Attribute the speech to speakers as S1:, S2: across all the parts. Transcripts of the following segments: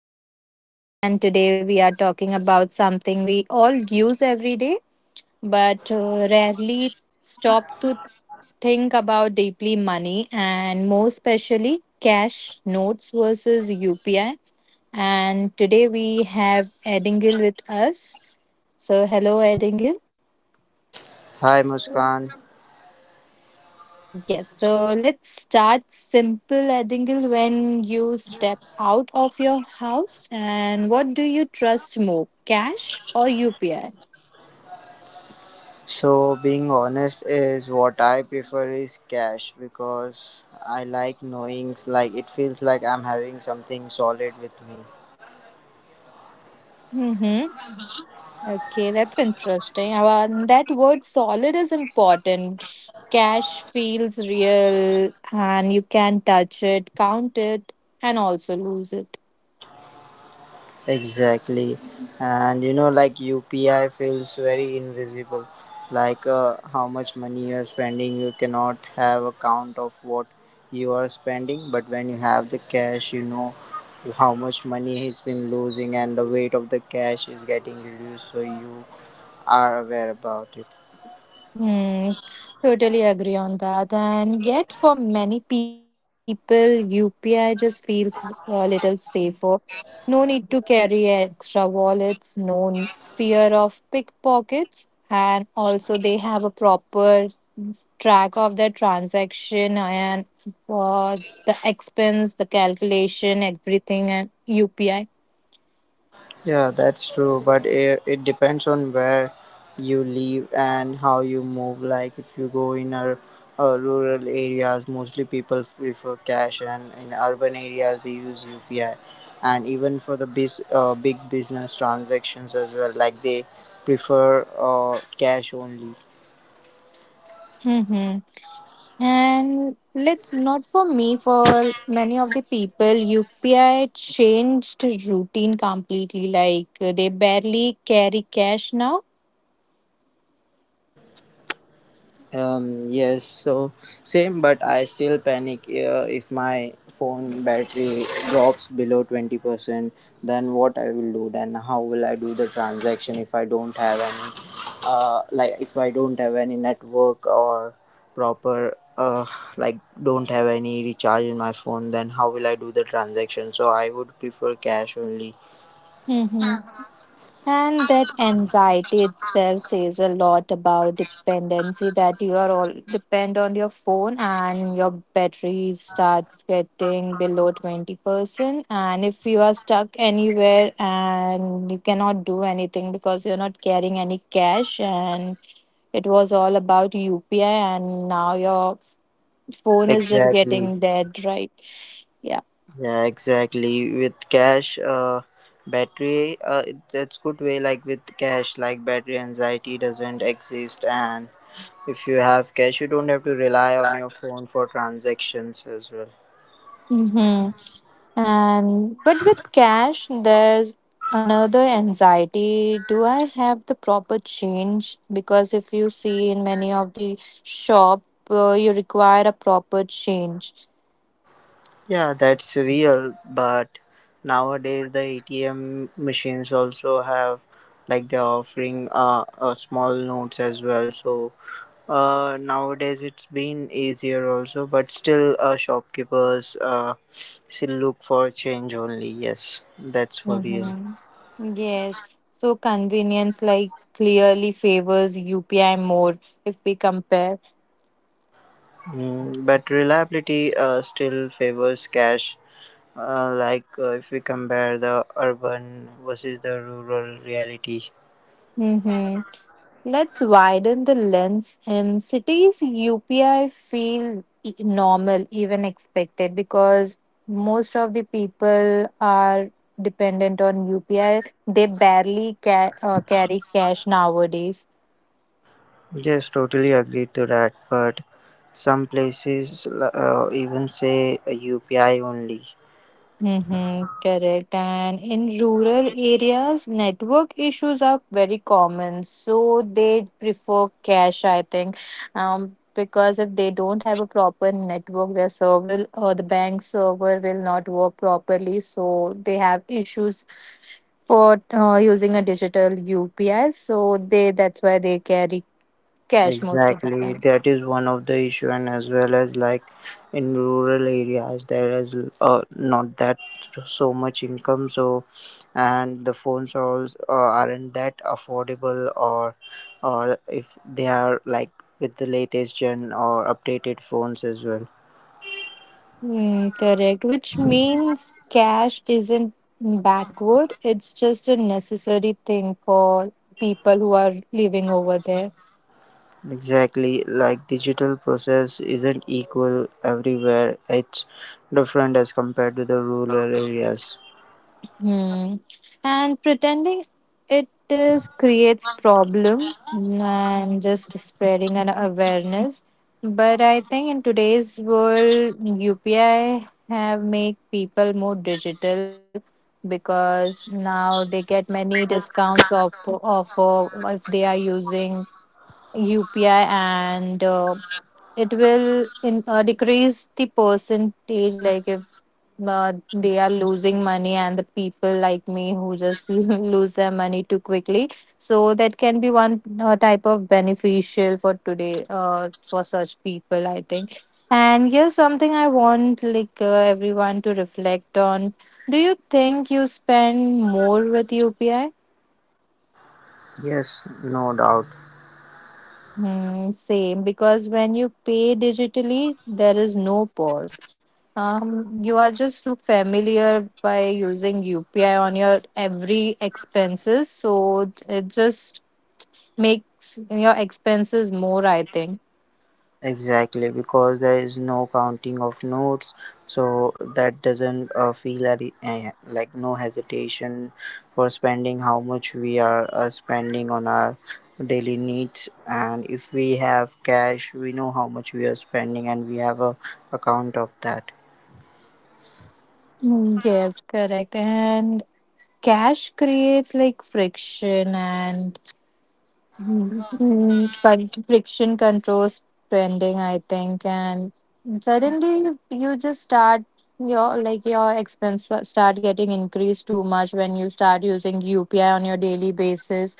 S1: I am Muskan, and today we are talking about something we all use every day but rarely stop to think about deeply, money, and more especially cash notes versus UPI. And today we have Edingil with us. So hello Edingil.
S2: Hi Muskan.
S1: Yes, so let's start simple, Adingle. When you step out of your house, and what do you trust more, cash or UPI?
S2: So, being honest, is what I prefer is cash because I like knowing, like, it feels like I'm having something solid with me.
S1: Mm-hmm. Okay, that's interesting. And that word solid is important. Cash feels real, and you can touch it, count it, and also lose it.
S2: Exactly. And you know, like, UPI feels very invisible. Like, how much money you are spending, you cannot have a count of what you are spending. But when you have the cash, you know how much money he's been losing, and the weight of the cash is getting reduced, so you are aware about it.
S1: Hmm, totally agree on that. And yet, for many people, UPI just feels a little safer. No need to carry extra wallets, no fear of pickpockets, and also they have a proper track of their transaction and uh, the expense, the calculation, everything, and UPI.
S2: Yeah, that's true, but it depends on where you live and how you move. Like, if you go in our rural areas, mostly people prefer cash, and in urban areas, they use UPI. And even for the big business transactions as well, like, they prefer cash only.
S1: Mm-hmm. And let's not for me, for many of the people, UPI changed routine completely. They barely carry cash now.
S2: Yes, same, but I still panic if my phone battery drops below 20%. Then what I will do? Then how will I do the transaction if I don't have any, like, if I don't have any network or proper, like don't have any recharge in my phone? Then how will I do the transaction? So I would prefer cash only.
S1: Mm-hmm. And that anxiety itself says a lot about dependency, that you are all depend on your phone and your battery starts getting below 20%. And if you are stuck anywhere and you cannot do anything because you're not carrying any cash, and it was all about UPI, and now your phone is just
S2: Exactly.
S1: getting dead, right? Yeah.
S2: Yeah, exactly. With cash, that's good way. Like, with cash, like, battery anxiety doesn't exist, and if you have cash, you don't have to rely on your phone for transactions as well.
S1: Mm-hmm. And but with cash, there's another anxiety. Do I have the proper change? Because if you see in many of the shop, you require a proper change.
S2: Yeah, that's real. But nowadays, the ATM machines also have, like, they're offering small notes as well. So nowadays it's been easier also, but still, shopkeepers still look for change only. Yes, that's for real.
S1: Mm-hmm. Yes. So convenience like clearly favors UPI more if we compare.
S2: Mm, but reliability still favors cash. If we compare the urban versus the rural reality.
S1: Mm-hmm. Let's widen the lens. In cities, normal, even expected, because most of the people are dependent on UPI. Carry cash nowadays.
S2: Yes, totally agree to that. But some places even say UPI only.
S1: Mm-hmm, correct. And in rural areas, network issues are very common. So they prefer cash, I think, because if they don't have a proper network, their server or the bank server will not work properly. So they have issues for using a digital UPI. So they that's why they carry cash most of the
S2: Exactly,
S1: time.
S2: that is one of the issue, and as well as, like, in rural areas, there is not that so much income. So, and the phones are also aren't that affordable, or if they are, like, with the latest gen or updated phones as well.
S1: Hmm, correct, which means cash isn't backward, it's just a necessary thing for people who are living over there.
S2: Exactly, like, digital process isn't equal everywhere. It's different as compared to the rural areas.
S1: Hmm. And pretending it is creates problem, mm, and just spreading an awareness. But I think in today's world, UPI have made people more digital because now they get many discounts of offer if they are using UPI and it will in, decrease the percentage like if they are losing money, and the people like me who just lose their money too quickly, so that can be one type of beneficial for today, for such people, I think. And here's something I want, everyone to reflect on: do you think you spend more with UPI?
S2: Yes, no doubt.
S1: Hmm, same, because when you pay digitally, there is no pause. You are just too familiar by using UPI on your every expenses, so it just makes your expenses more, I think.
S2: Exactly, because there is no counting of notes, so that doesn't feel at the- eh, like, no hesitation for spending how much we are spending on our daily needs. And if we have cash, we know how much we are spending, and we have a account of that.
S1: Mm, yes, correct. And cash creates like friction and, mm, but friction controls spending, I think, and suddenly you just start your, like, your expense start getting increased too much when you start using UPI on your daily basis.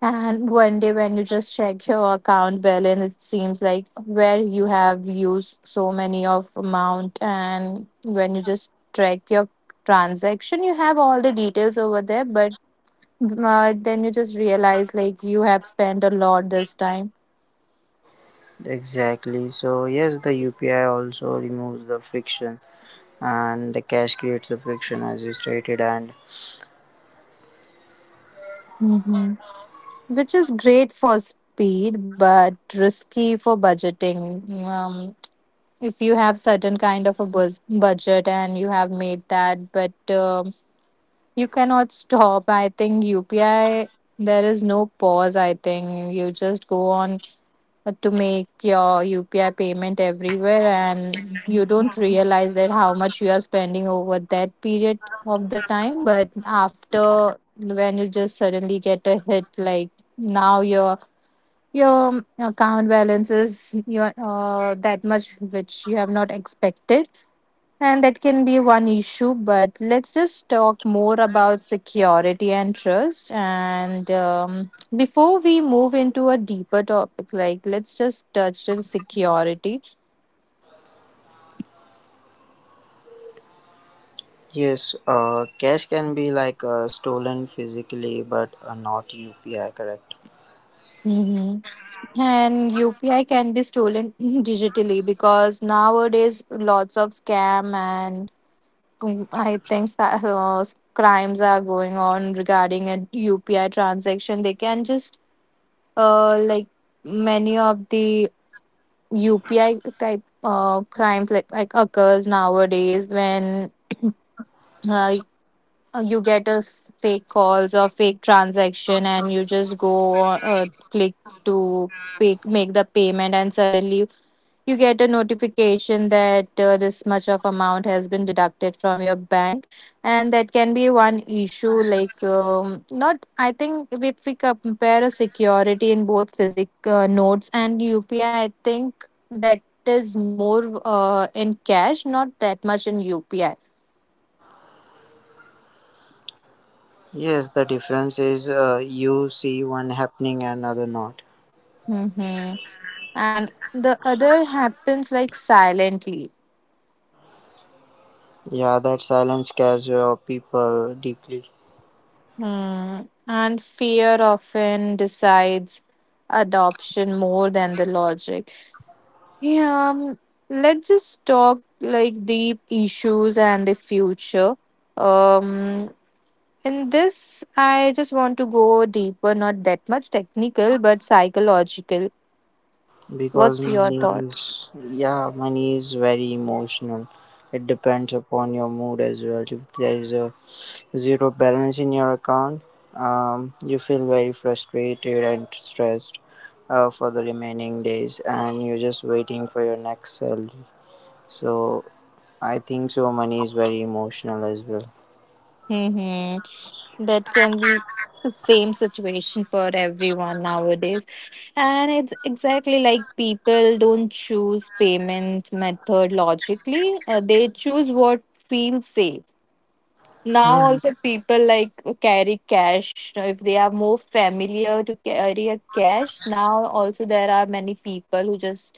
S1: And one day when you just check your account balance, it seems like where you have used so many of amount, and when you just track your transaction, you have all the details over there, but then you just realize like you have spent a lot this time.
S2: Exactly. So yes, the UPI also removes the friction, and the cash creates the friction, as you stated. And
S1: Hmm. Which is great for speed but risky for budgeting. Um, if you have certain kind of a budget and you have made that, but um, you cannot stop. I think UPI, there is no pause. I think you just go on to make your UPI payment everywhere, and you don't realize that how much you are spending over that period of the time. But after, when you just suddenly get a hit, like, now your account balance is your that much which you have not expected, and that can be one issue. But let's just talk more about security and trust. And before we move into a deeper topic, like, let's just touch on security.
S2: yes, cash can be like stolen physically, but not UPI, correct?
S1: Mhm. And UPI can be stolen digitally because nowadays lots of scam and, mm, I think crimes are going on regarding a UPI transaction. They can just like many of the UPI type crimes like occurs nowadays when, uh, you get a fake calls or fake transaction, and you just go on, click to pay, make the payment, and suddenly you get a notification that this much of amount has been deducted from your bank, and that can be one issue, like not, I think, if we compare a security in both physic notes and UPI, I think that is more in cash, not that much in UPI.
S2: Yes, the difference is, you see one happening and other not.
S1: Mm-hmm. And the other happens like silently.
S2: Yeah, that silence scares your people deeply
S1: Hmm. And fear often decides adoption more than the logic. Yeah, let's just talk like deep issues and the future. Um, in this, I just want to go deeper, not that much technical, but psychological.
S2: because
S1: What's your thought?
S2: money is very emotional. It depends upon your mood as well. If there is a zero balance in your account, you feel very frustrated and stressed for the remaining days, and you're just waiting for your next salary. So I think so. Money is very emotional as well.
S1: Mm-hmm. That can be the same situation for everyone nowadays. And it's exactly like people don't choose payment method logically, they choose what feels safe. Now
S2: Mhm.
S1: also people like carry cash. Now, if they are more familiar to carry a cash, now also there are many people who just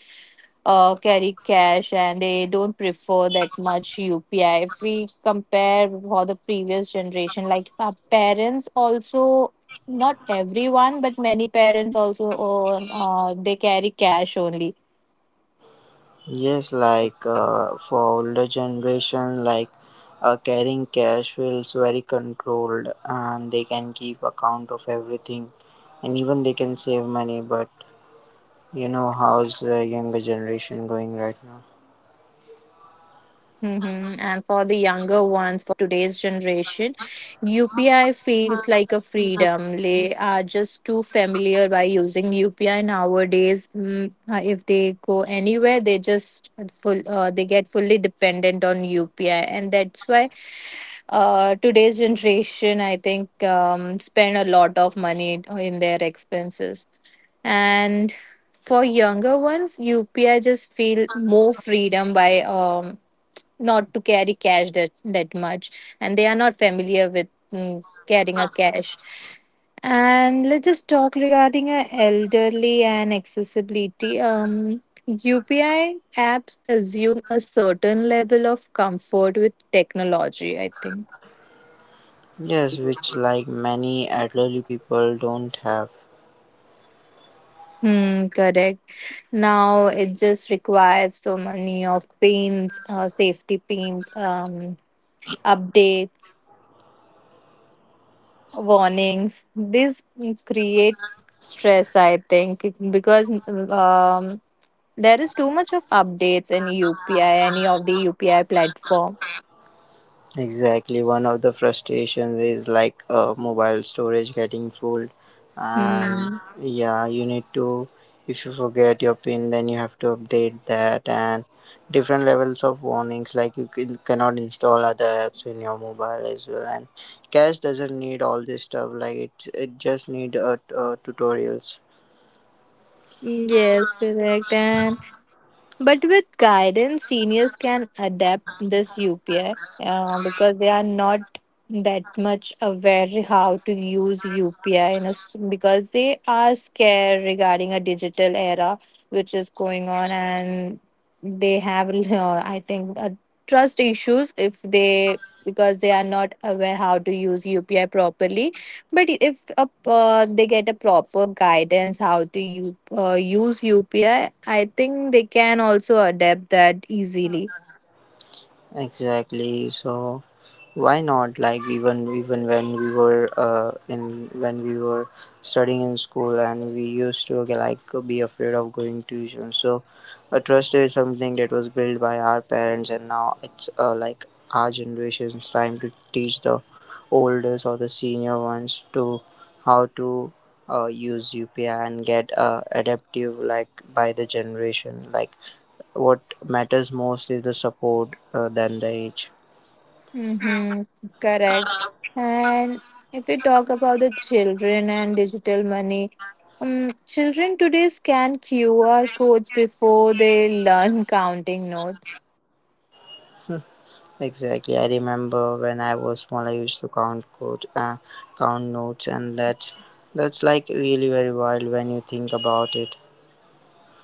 S1: carry cash and they don't prefer that much UPI. If we compare for the previous generation, like our parents also, not everyone, but many parents also own, they carry cash only.
S2: Yes, like, for older generation, like, carrying cash feels very controlled, and they can keep account of everything, and even they can save money. But you know how's the younger generation going right now?
S1: Mm-hmm. And for the younger ones, for today's generation, UPI feels like a freedom. They are just too familiar by using UPI nowadays. Mm, if they go anywhere, they just full they get fully dependent on UPI, and that's why today's generation, I think, spend a lot of money in their expenses. And for younger ones, UPI just feel more freedom by um, not to carry cash that, that much, and they are not familiar with, mm, carrying a cash. And let's just talk regarding elderly and accessibility. Um, UPI apps assume a certain level of comfort with technology, I think.
S2: Yes, which, like, many elderly people don't have.
S1: Hmm, correct. Now it just requires so many of pins, safety pins, updates, warnings. This create stress, I think, because um, there is too much of updates in UPI, any of the UPI platform.
S2: Exactly, one of the frustrations is, like, mobile storage getting full,
S1: Hmm.
S2: and yeah, you need to. If you forget your pin, then you have to update that, and different levels of warnings, like, you cannot install other apps in your mobile as well. And cache doesn't need all this stuff; like, it just need tutorials.
S1: Yes, correct. And but with guidance, seniors can adapt this UPI, because they are not that much aware how to use UPI in a s, because they are scared regarding a digital era which is going on, and they have I think, trust issues, if they, because they are not aware how to use UPI properly. But if a, they get a proper guidance how to use UPI, I think they can also adapt that easily.
S2: Exactly, so why not? Like, even when we were in when we were studying in school, and we used to, okay, like, be afraid of going tuition, so a trust is something that was built by our parents, and now it's, like, our generation's time to teach the oldest or the senior ones to how to use UPI and get adaptive. Like, by the generation, like, what matters most is the support than the age.
S1: Mm-hmm. Correct. And if we talk about the children and digital money, children today scan QR codes before they learn counting notes.
S2: Exactly. I remember when I was small, I used to count count notes, and that's like really very wild when you think about it.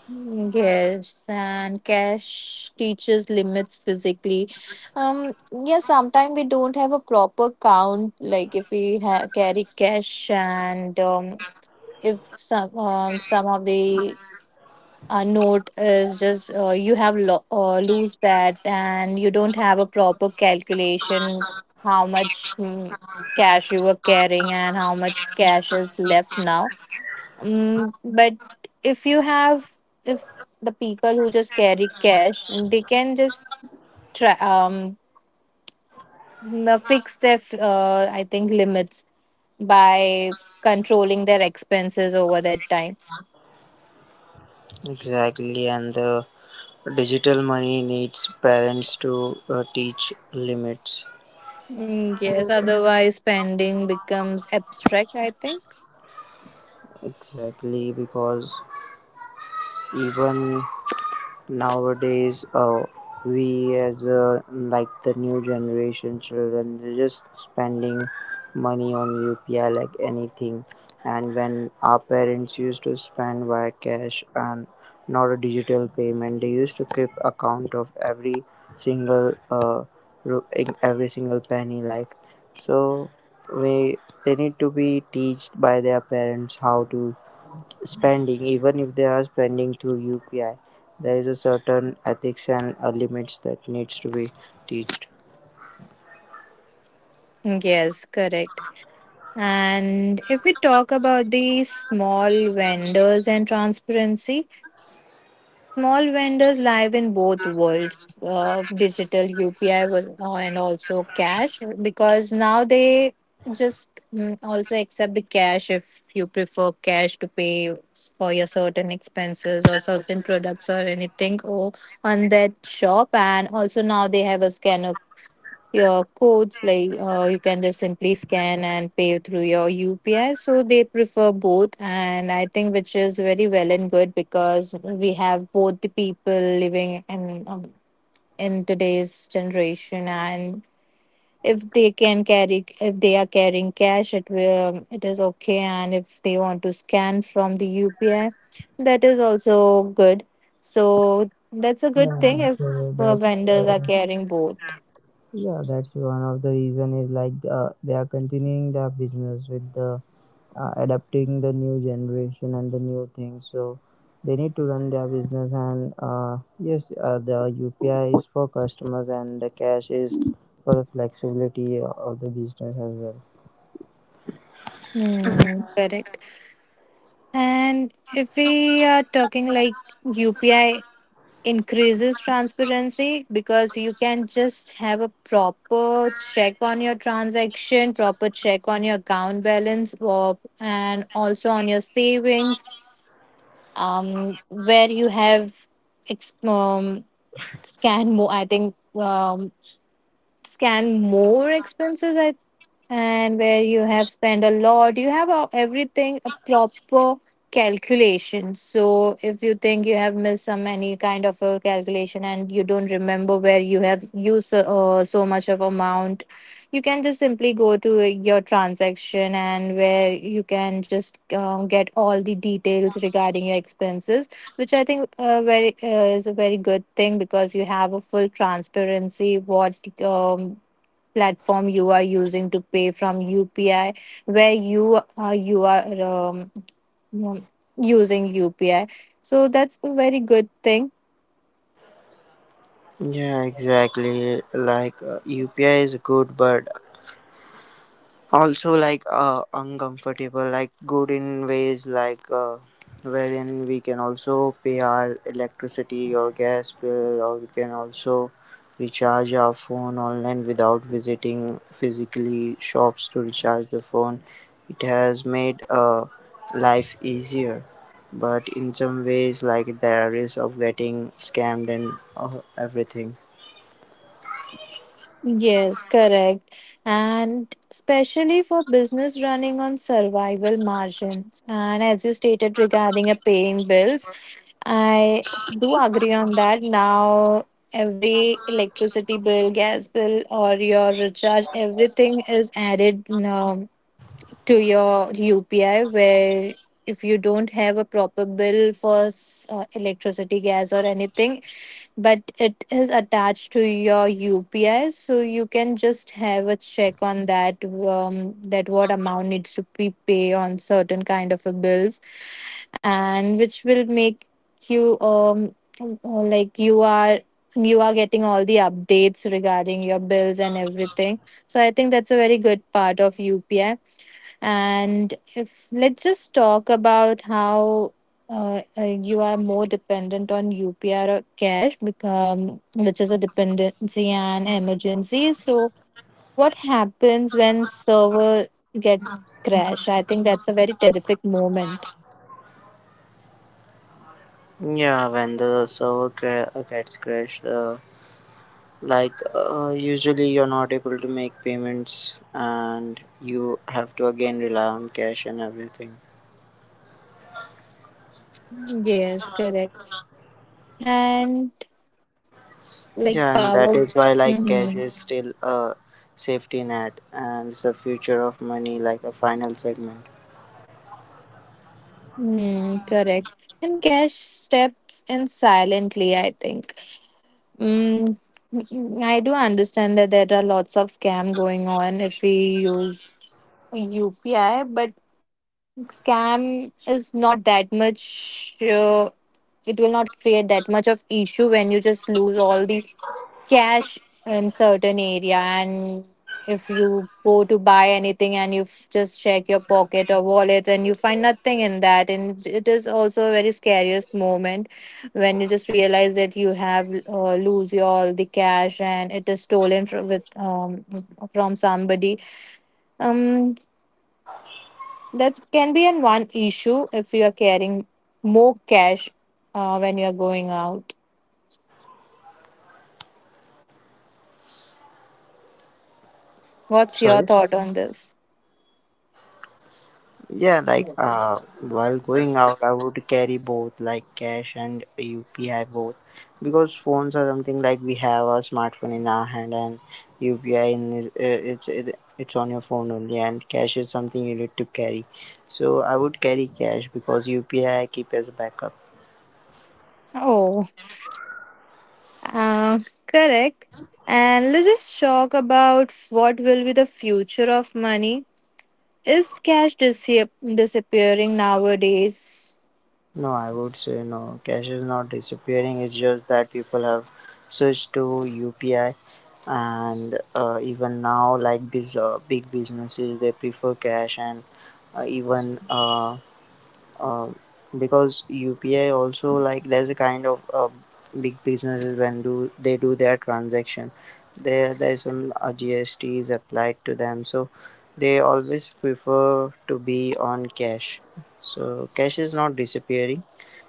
S1: Yes, and cash teaches limits physically. Yeah, sometimes we don't have a proper count. Like if we ha carry cash, and if some some of the note is just you have lo lose that, and you don't have a proper calculation how much, mm, cash you were carrying and how much cash is left now. Mm, but if you have, if the people who just carry cash, they can just try, fix their, I think, limits by controlling their expenses over that time.
S2: Exactly, and the digital money needs parents to teach limits.
S1: Mm, yes, otherwise spending becomes abstract, I think.
S2: Exactly, because even nowadays, we, as, like, the new generation children, they're just spending money on UPI like anything. And when our parents used to spend via cash and not a digital payment, they used to keep account of every single every single penny, like, so we they need to be taught by their parents how to spending. Even if they are spending through UPI, there is a certain ethics and limits that needs to be teached.
S1: Mm, yes, correct. And if we talk about the small vendors and transparency, small vendors live in both worlds, digital UPI and also cash, because now they just, mm, also accept the cash if you prefer cash to pay for your certain expenses or certain products or anything or on that shop. And also now they have a scanner your codes, you can just simply scan and pay through your UPI. So they prefer both, and I think which is very well and good because we have both the people living in today's generation, and if they can carry if they are carrying cash, it will it is okay, and if they want to scan from the UPI, that is also good. So that's a good
S2: Yeah,
S1: thing if
S2: so that's
S1: vendors are
S2: uh,
S1: carrying both.
S2: one of the reason is, like, they are continuing their business with the adapting the new generation and the new things. So they need to run their business. And yes, the UPI is for customers, and the cash is for the flexibility of the business as well.
S1: Hmm, correct. And if we are talking like UPI increases transparency because you can just have a proper check on your transaction, proper check on your account balance, or, and also on your savings, where you have exp- um, scan more. I think scan more expenses I, and where you have spent a lot you have everything a proper calculation. So if you think you have missed some any kind of a calculation and you don't remember where you have used so much of amount, you can just simply go to your transaction and where you can just get all the details regarding your expenses, which I think very is a very good thing because you have a full transparency what um, platform you are using to pay from UPI, where you you are using UPI. So that's a very good thing.
S2: Yeah, exactly. Like, UPI is good, but also like uncomfortable. Like, good in ways, like, wherein we can also pay our electricity or gas bill, or we can also recharge our phone online without visiting physically shops to recharge the phone. It has made life easier, but in some ways, like, there is of getting scammed and everything.
S1: Yes, correct. And especially for business running on survival margins. And as you stated regarding a paying bills, I do agree on that. Now, every electricity bill, gas bill, or your recharge, everything is added to your UPI. Where if you don't have a proper bill for electricity, gas, or anything, but it is attached to your UPI, so you can just have a check on that that what amount needs to be paid on certain kind of a bills, and which will make you like you are getting all the updates regarding your bills and everything. So I think that's a very good part of UPI. And if let's just talk about how you are more dependent on UPR or cash, become which is a dependency and emergency. So, what happens when server gets crash? I think that's a very terrific moment.
S2: Yeah, when the gets crashed, usually you're not able to make payments and you have to again rely on cash and everything.
S1: Yes, correct. And like
S2: Yeah, and that
S1: power.
S2: is why, like, cash
S1: Mm-hmm.
S2: is still a safety net, and it's the future of money, like a final segment.
S1: Mm, correct. And cash steps in silently, I think. Mm, I do understand that there are lots of scam going on if we use UPI, but scam is not that much. It will not create that much of issue when you just lose all the cash in certain area. And if you go to buy anything and you just check your pocket or wallet and you find nothing in that, and it is also a very scariest moment when you just realize that you have lose your all the cash and it is stolen from with from somebody um that can be an one issue if you are carrying more cash when you are going out. What's your
S2: Sorry?
S1: thought on this?
S2: Yeah, like, while going out, I would carry both, like, cash and UPI both, because phones are something, like, we have a smartphone in our hand and UPI in is- uh, it's it, it's on your phone only, and cash is something you need to carry. So I would carry cash because UPI I keep as a backup.
S1: Oh. Uh, Correct. And let's just talk about what will be the future of money. Is disappearing nowadays?
S2: No, I would say no. Cash is not disappearing. It's just that people have switched to UPI, and even now, like, these big businesses, they prefer cash. And even because UPI also, like, there's a kind of, big businesses, when do they do their transaction, there's some GST is applied to them, so they always prefer to be on cash. So cash is not disappearing.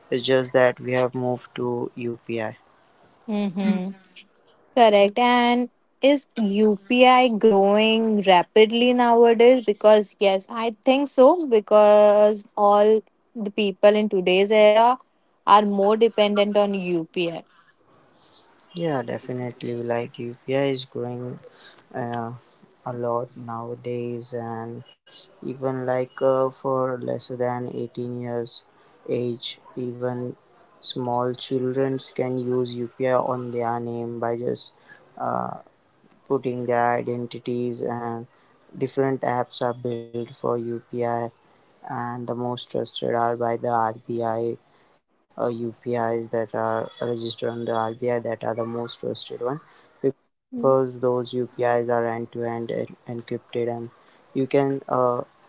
S2: It's just that we have moved to UPI.
S1: Mm-hmm. Correct. And is UPI growing rapidly nowadays? Because, yes, I think so. Because all the people in today's era are more dependent on UPI.
S2: Yeah, definitely. Like, UPI is growing uh, a lot nowadays. And even like, for less than 18 years age, even small childrens can use UPI on their name by just putting their identities, and different apps are built for UPI, and the most trusted are by the RBI. UPIs that are registered on the RBI, that are the most trusted one, because those UPIs are end to end encrypted. And you can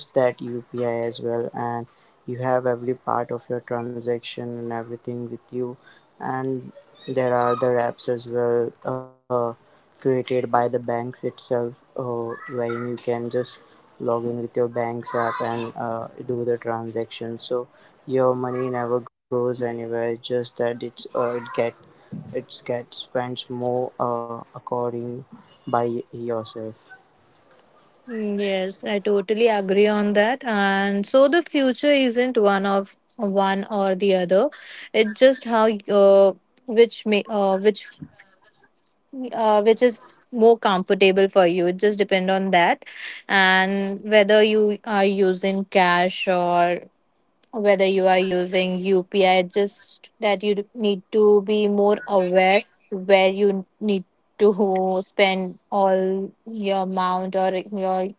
S2: trust that UPI as well, and you have every part of your transaction and everything with you. And there are the apps as well, created by the banks itself, wherein you can just log in with your bank's app and do the transaction. So your money never goes anywhere, just that it gets spent more according by yourself.
S1: Mm, yes, I totally agree on that. And so the future isn't one of one or the other. It's just how which may which is more comfortable for you. It just depend on that, and whether you are using cash or whether you are using UPI. It's just that you need to be more aware where you need to spend all your amount or your,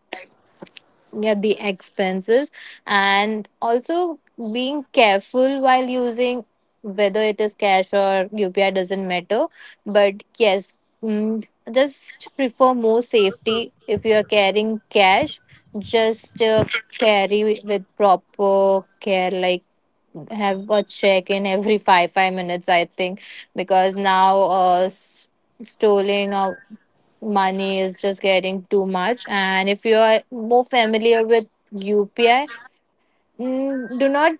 S1: yeah, the expenses, and also being careful while using whether it is cash or UPI doesn't matter. But yes, mm, just prefer more safety if you are carrying cash. Just carry with proper care, like have a check in every five minutes, I think. Because now stealing or money is just getting too much. And if you are more familiar with UPI, mm, do not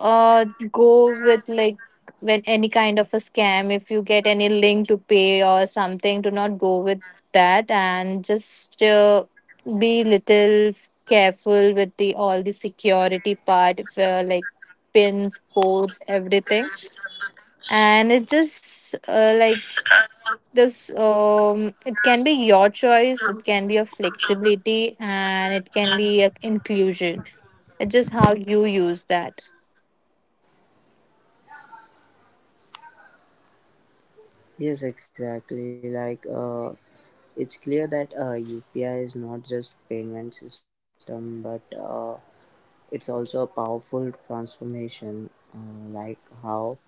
S1: uh, go with like when any kind of a scam. If you get any link to pay or something, do not go with that and just be little careful with the all the security part, if, like pins, codes, everything. And it just like this it can be your choice, it can be a flexibility, and it can be a inclusion. It's just how you use that.
S2: Yes, exactly. Like, it's clear that UPI is not just payment system, but it's also a powerful transformation, like, how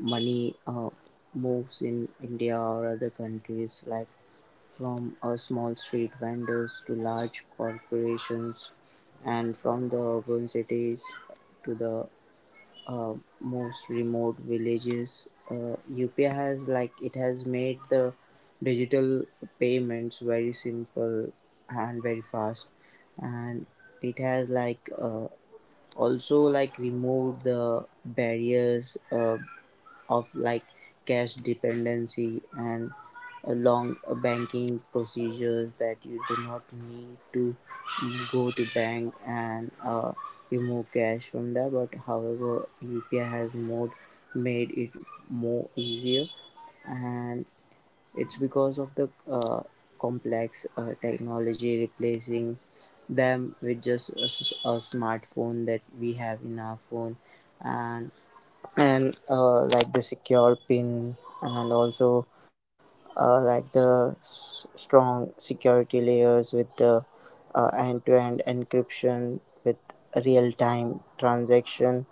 S2: money moves in India or other countries, like, from small street vendors to large corporations, and from the urban cities to the most remote villages. UPI has, like, it has made the digital payments very simple and very fast. And it has, like, also, like, removed the barriers of, like, cash dependency and long banking procedures, that you do not need to go to bank and remove cash from there. But however, UPI has more made it more easier, and it's because of the complex technology replacing them with just a smartphone that we have in our phone, and like, the secure pin, and also like, the strong security layers with the end-to-end encryption with real-time transaction,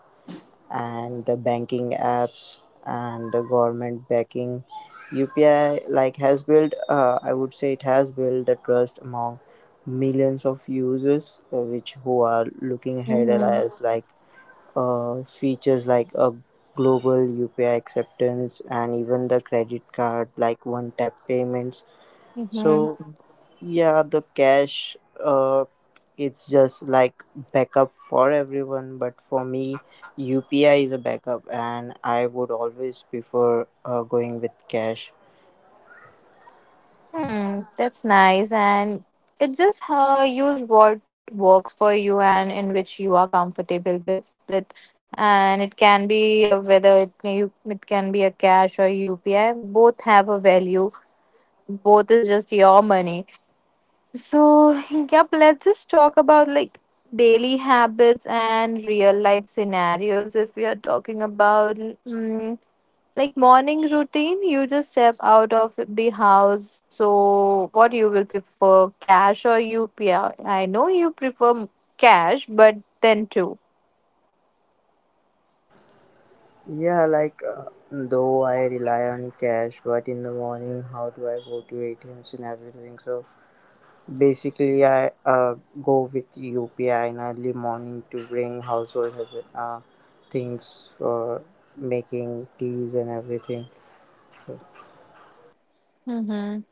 S2: and the banking apps, and the government backing. UPI, like, has built, I would say it has built the trust among millions of users, which who are looking ahead
S1: Mm-hmm.
S2: as, like, features like a global UPI acceptance and even the credit card, like, one tap payments. So
S1: Mm-hmm.
S2: yeah, the cash, uh, it's just like backup for everyone, but for me, UPI is a backup, and I would always prefer going with cash.
S1: Hmm. That's nice. And it just use what works for you and in which you are comfortable with. And it can be it can be a cash or UPI. Both have a value, both is just your money. So, yep, let's just talk about like daily habits and real life scenarios. If we are talking about mm, like morning routine, you just step out of the house. So, what you will prefer, cash or UPI? I know you prefer cash, but then too.
S2: Yeah, like, though I rely on cash, but in the morning, how do I go to ATMs and everything? So basically, I go with UPI in early morning to bring household things for making teas and everything.
S1: Mm-hmm.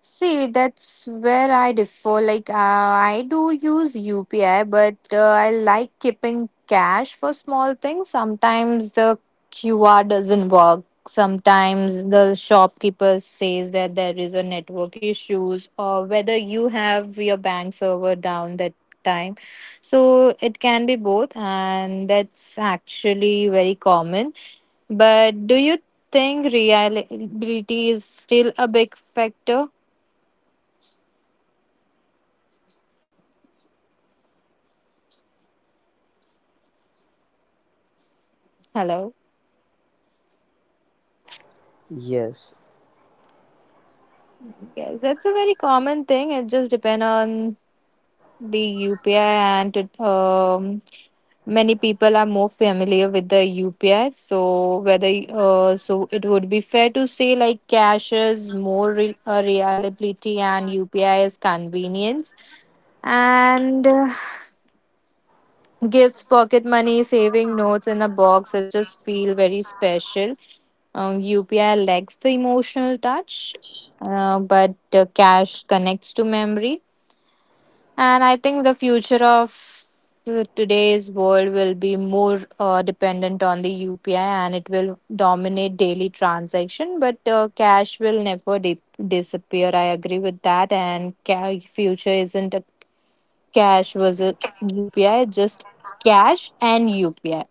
S1: See, that's where I differ. Like, I do use UPI, but I like keeping cash for small things. Sometimes the QR doesn't work. Sometimes the shopkeeper says that there is a network issues or whether you have your bank server down that time. So it can be both, and that's actually very common. But do you think reliability is still a big factor? Hello.
S2: Yes.
S1: Yes, that's a very common thing. It just depends on the UPI, and many people are more familiar with the UPI. So whether so it would be fair to say like cash is more reliability and UPI is convenience. And gifts, pocket money, saving notes in a box, it just feel very special. UPI lacks the emotional touch, but cash connects to memory. And I think the future of today's world will be more dependent on the UPI and it will dominate daily transaction, but cash will never disappear. I agree with that. And future isn't a cash was it UPI, just cash and UPI.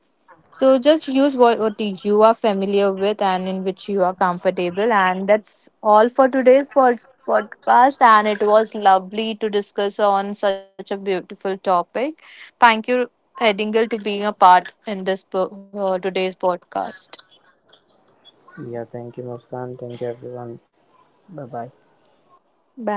S1: So just use what you are familiar with and in which you are comfortable. And that's all for today's podcast. And it was lovely to discuss on such a beautiful topic. Thank you Edingle to being a part in this today's podcast.
S2: Yeah. Thank you, Muskan. Thank you, everyone. Bye bye.
S1: Bye.